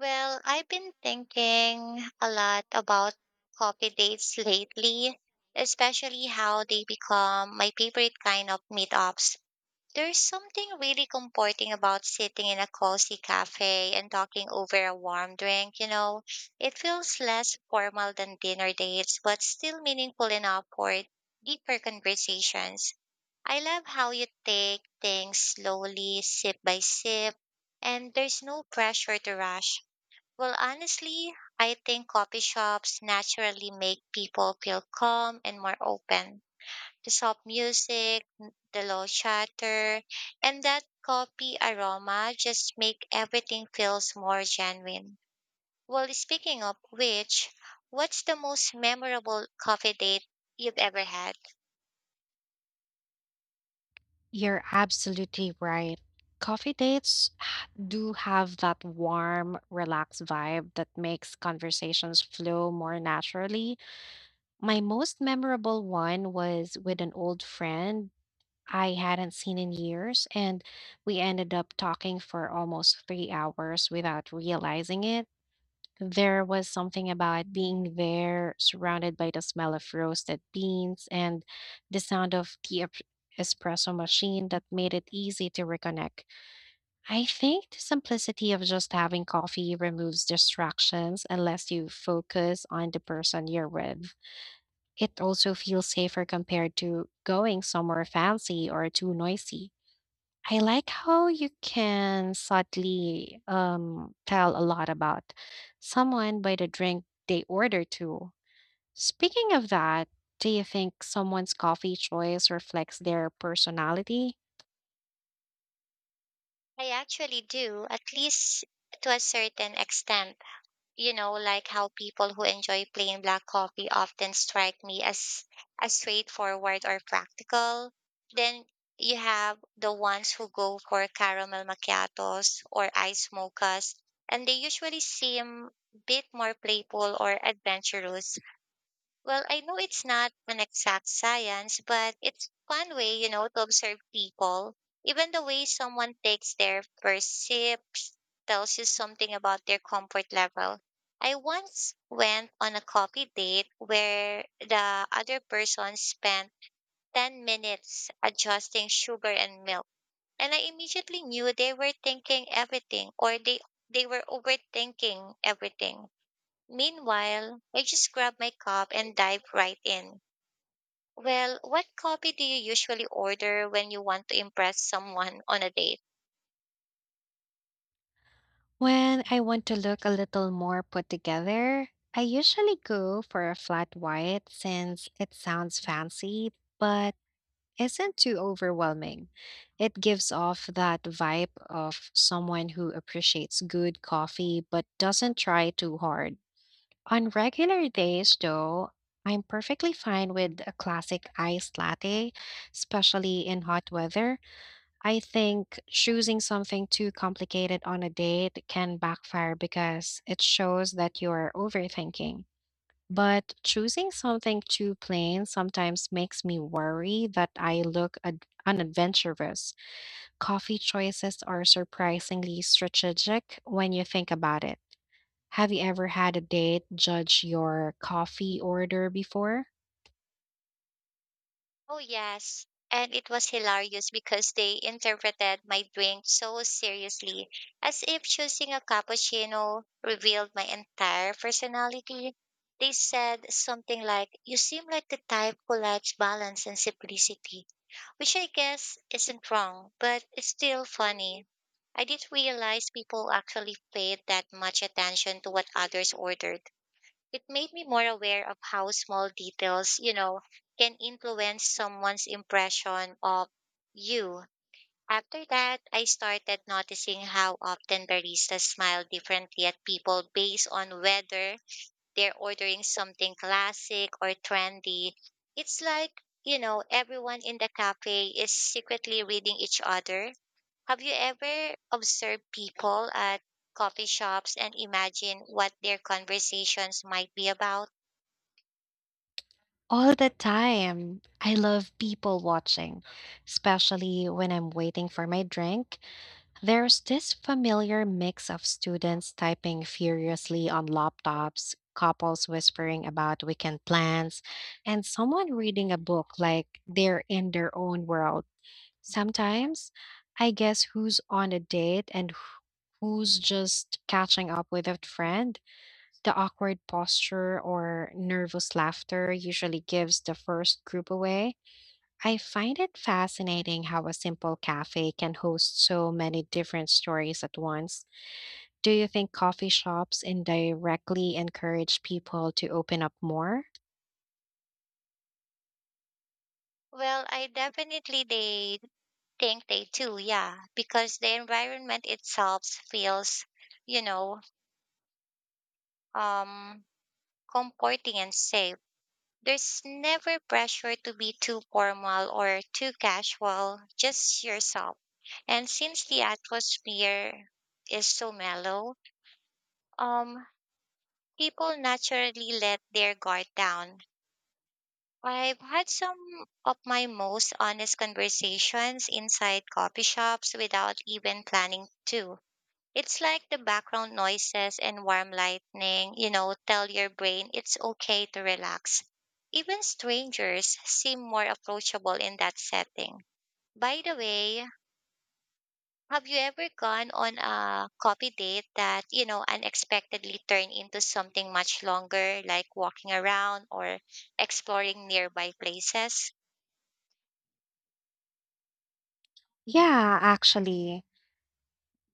Well, Well, I've I've been thinking about coffee lately, especially been out. thinking a lot about coffee dates lately, especially how they become my favorite kind of meetups. There's something really comforting about sitting in a cozy cafe and talking over a warm drink. It feels less formal than dinner dates, but still meaningful enough for deeper conversations. I love how you take things slowly, sip by sip, and there's no pressure to rush. Well, honestly, I think coffee shops naturally make people feel calm and more open. The soft music, the low chatter, and that coffee aroma just make everything feels more genuine. Well, speaking of which, what's the most memorable coffee date you've ever had? You're absolutely right. Do have that warm, relaxed vibe that makes conversations flow more naturally. My most memorable one was with an old friend I hadn't seen in years, and we ended up talking for almost 3 hours without realizing it. There was something about being there, surrounded by the smell of roasted beans and the sound of the espresso machine that made it easy to reconnect. I think the simplicity of just having coffee removes distractions unless you focus on the person you're with. It also feels safer compared to going somewhere fancy or too noisy. I like how you can subtly tell a lot about someone by the drink they order too. Speaking of that, do you think someone's coffee choice reflects their personality? I actually do, at least to a certain extent. You know, like how people who enjoy plain black coffee often strike me as straightforward or practical. Then you have the ones who go for caramel macchiatos or iced mochas, and they usually seem a bit more playful or adventurous. Well, I know it's not an exact science, but it's a fun way, you know, to observe people. Even the way someone takes their first sip tells you something about their comfort level. I once went on a coffee date where the other person spent 10 minutes adjusting sugar and milk. And I immediately knew they were thinking everything or they were overthinking everything. Meanwhile, I just grab my cup and dive right in. Well, what coffee do you usually order when you want to impress someone on a date? When I want to look a little more put together, I usually go for a flat white since it sounds fancy, but isn't too overwhelming. It gives off that vibe of someone who appreciates good coffee but doesn't try too hard. On regular days, though, I'm perfectly fine with a classic iced latte, especially in hot weather. I think choosing something too complicated on a date can backfire because it shows that you're overthinking. But choosing something too plain sometimes makes me worry that I look unadventurous. Coffee choices are surprisingly strategic when you think about it. Have you ever had a date judge your coffee order before? Oh, yes. And it was hilarious because they interpreted my drink so seriously, as if choosing a cappuccino revealed my entire personality. They said something like, "You seem like the type who likes balance and simplicity," which I guess isn't wrong, but it's still funny. I didn't realize people actually paid that much attention to what others ordered. It made me more aware of how small details can influence someone's impression of you. After that, I started noticing how often baristas smile differently at people based on whether they're ordering something classic or trendy. It's like everyone in the cafe is secretly reading each other. Have you ever observed people at coffee shops and imagine what their conversations might be about? All the time. I love people watching, especially when I'm waiting for my drink. There's this familiar mix of students typing furiously on laptops, couples whispering about weekend plans, and someone reading a book like they're in their own world. Sometimes I guess who's on a date and who's just catching up with a friend. The awkward posture or nervous laughter usually gives the first group away. I find it fascinating how a simple cafe can host so many different stories at once. Do you think coffee shops indirectly encourage people to open up more? Well, I definitely they think they do, yeah, because the environment itself feels, you know, um comforting and safe. There's never pressure to be too formal or too casual, just yourself. And since the atmosphere is so mellow, um, people naturally let their guard down. I've had some of my most honest conversations inside coffee shops without even planning to. It's like the background noises and warm lightning tell your brain it's okay to relax. Even strangers seem more approachable in that setting. By the way, have you ever gone on a coffee date that unexpectedly turned into something much longer, like walking around or exploring nearby places? Yeah, actually.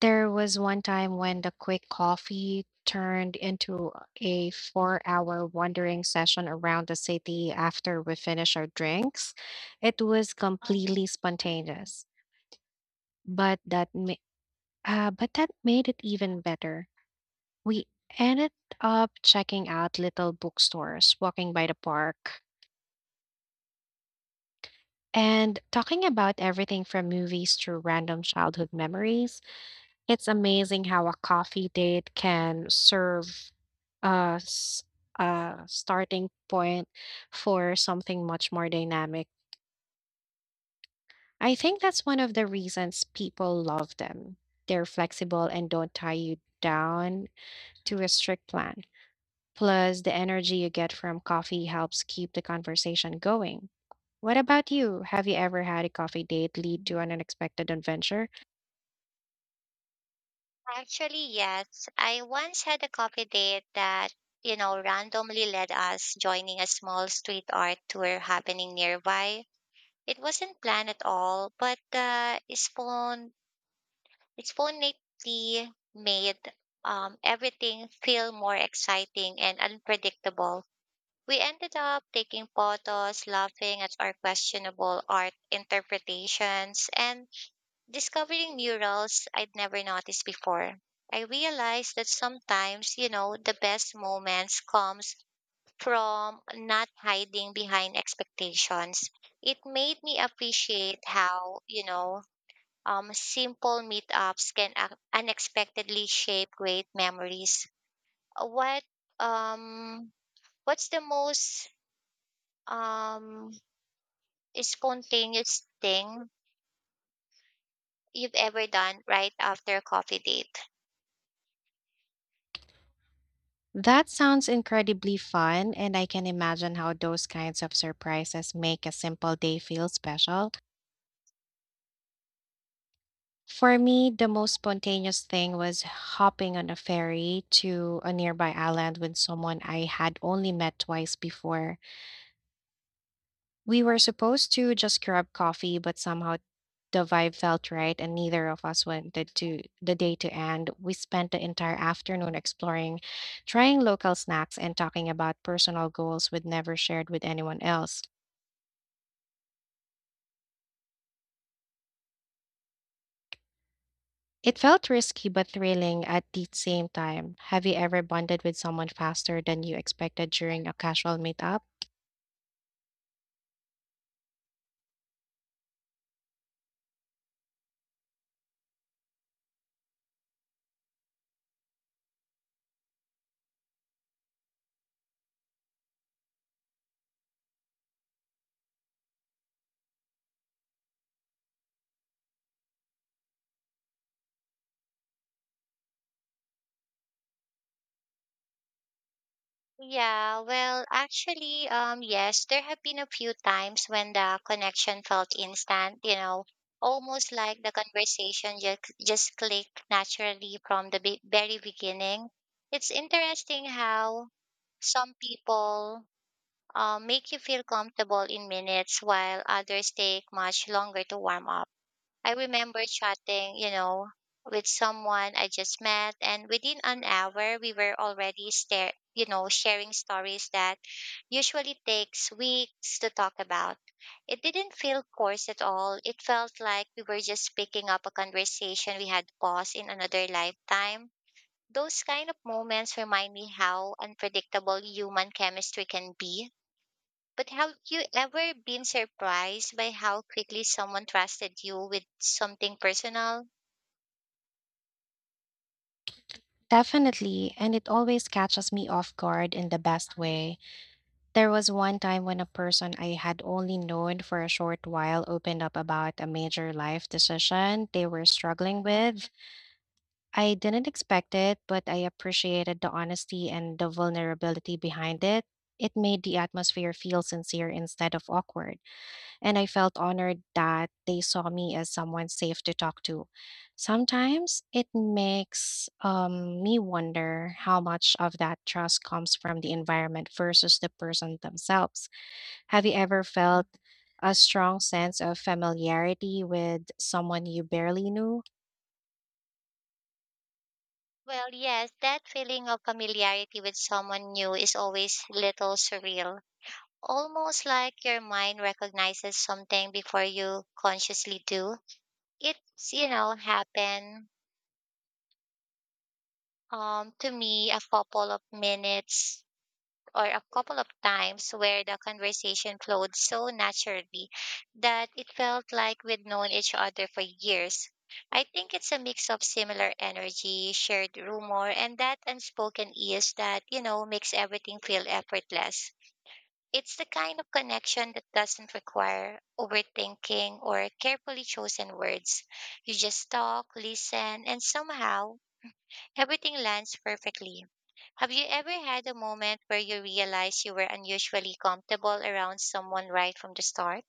There was one time when the quick coffee turned into a 4 hour wandering session around the city after we finished our drinks. It was completely spontaneous, but that, ma- but that made it even better. We ended up checking out little bookstores, walking by the park, and talking about everything from movies to random childhood memories. It's amazing how a coffee date can serve as a starting point for something much more dynamic. I think that's one of the reasons people love them. They're flexible and don't tie you down to a strict plan. Plus, the energy you get from coffee helps keep the conversation going. What about you? Have you ever had a coffee date lead to an unexpected adventure? Actually, yes. I once had a coffee date that randomly led us joining a small street art tour happening nearby. It wasn't planned at all, but it's phonately made everything feel more exciting and unpredictable. We ended up taking photos, laughing at our questionable art interpretations, and discovering murals I'd never noticed before. I realized that sometimes the best moments comes from not hiding behind expectations. It made me appreciate how simple meetups can unexpectedly shape great memories. Uh, What um what's the most um spontaneous thing you've ever done right after a coffee date? That sounds incredibly fun, and I can imagine how those kinds of surprises make a simple day feel special. For me, the most spontaneous thing was hopping on a ferry to a nearby island with someone I had only met twice before. We were supposed to just grab coffee, but somehow the vibe felt right, and neither of us wanted to the day to end. We spent the entire afternoon exploring, trying local snacks, and talking about personal goals we'd never shared with anyone else. It felt risky but thrilling at the same time. Have you ever bonded with someone faster than you expected during a casual meetup? Yeah, yes, there have been a few times when the connection felt instant, almost like the conversation just clicked naturally from the very beginning. It's interesting how some people make you feel comfortable in minutes while others take much longer to warm up. I remember chatting with someone I just met, and within an hour, we were already sharing stories that usually takes weeks to talk about. It didn't feel forced at all. It felt like we were just picking up a conversation we had paused in another lifetime. Those kind of moments remind me how unpredictable human chemistry can be. But have you ever been surprised by how quickly someone trusted you with something personal? Definitely, and it always catches me off guard in the best way. There was one time when a person I had only known for a short while opened up about a major life decision they were struggling with. I didn't expect it, but I appreciated the honesty and the vulnerability behind it. It made the atmosphere feel sincere instead of awkward, and I felt honored that they saw me as someone safe to talk to. Sometimes it makes me wonder how much of that trust comes from the environment versus the person themselves. Have you ever felt a strong sense of familiarity with someone you barely knew? Well, yes, that feeling of familiarity with someone new is always little surreal. Almost like your mind recognizes something before you consciously do. It's happened to me a couple of minutes or a couple of times where the conversation flowed so naturally that it felt like we'd known each other for years. I think it's a mix of similar energy, shared rumor, and that unspoken ease that makes everything feel effortless. It's the kind of connection that doesn't require overthinking or carefully chosen words. You just talk, listen, and somehow everything lands perfectly. Have you ever had a moment where you realized you were unusually comfortable around someone right from the start?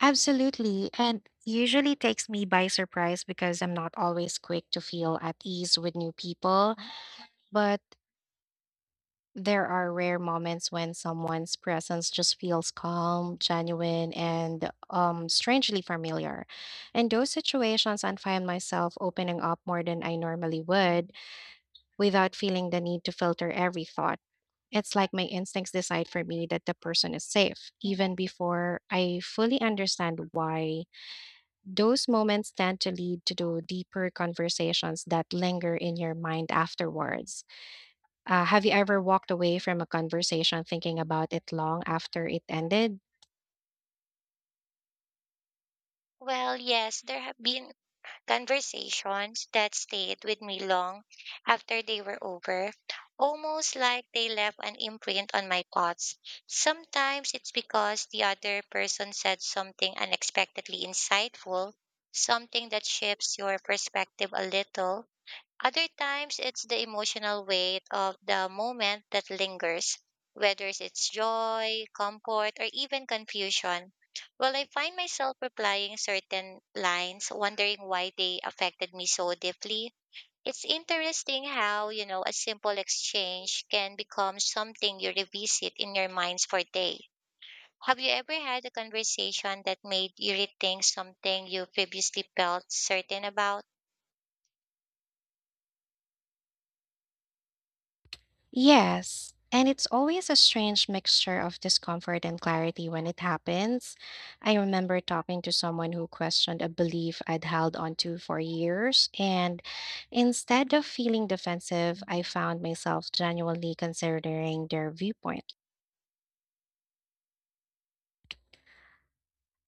Absolutely, and usually takes me by surprise because I'm not always quick to feel at ease with new people. But there are rare moments when someone's presence just feels calm, genuine, and strangely familiar. In those situations, I find myself opening up more than I normally would without feeling the need to filter every thought. It's like my instincts decide for me that the person is safe, even before I fully understand why. Those moments tend to lead to the deeper conversations that linger in your mind afterwards. Have you ever walked away from a conversation thinking about it long after it ended? Well, yes, there have been conversations that stayed with me long after they were over, almost like they left an imprint on my thoughts. Sometimes it's because the other person said something unexpectedly insightful, something that shifts your perspective a little. Other times, it's the emotional weight of the moment that lingers, whether it's joy, comfort, or even confusion. Well, I find myself replying certain lines, wondering why they affected me so deeply. It's interesting how a simple exchange can become something you revisit in your minds for day. Have you ever had a conversation that made you rethink something you previously felt certain about? Yes, and it's always a strange mixture of discomfort and clarity when it happens. I remember talking to someone who questioned a belief I'd held onto for years, and instead of feeling defensive, I found myself genuinely considering their viewpoint.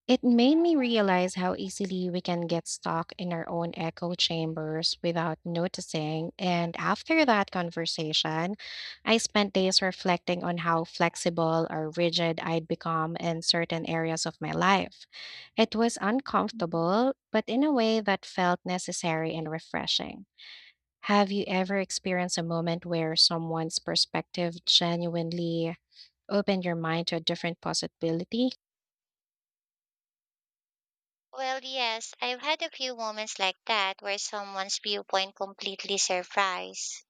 It made me realize how easily we can get stuck in our own echo chambers without noticing. And after that conversation, I spent days reflecting on how flexible or rigid I'd become in certain areas of my life. It was uncomfortable, but in a way that felt necessary and refreshing. Have you ever experienced a moment where someone's perspective genuinely opened your mind to a different possibility? Well, yes, I've had a few moments like that where someone's viewpoint completely surprised.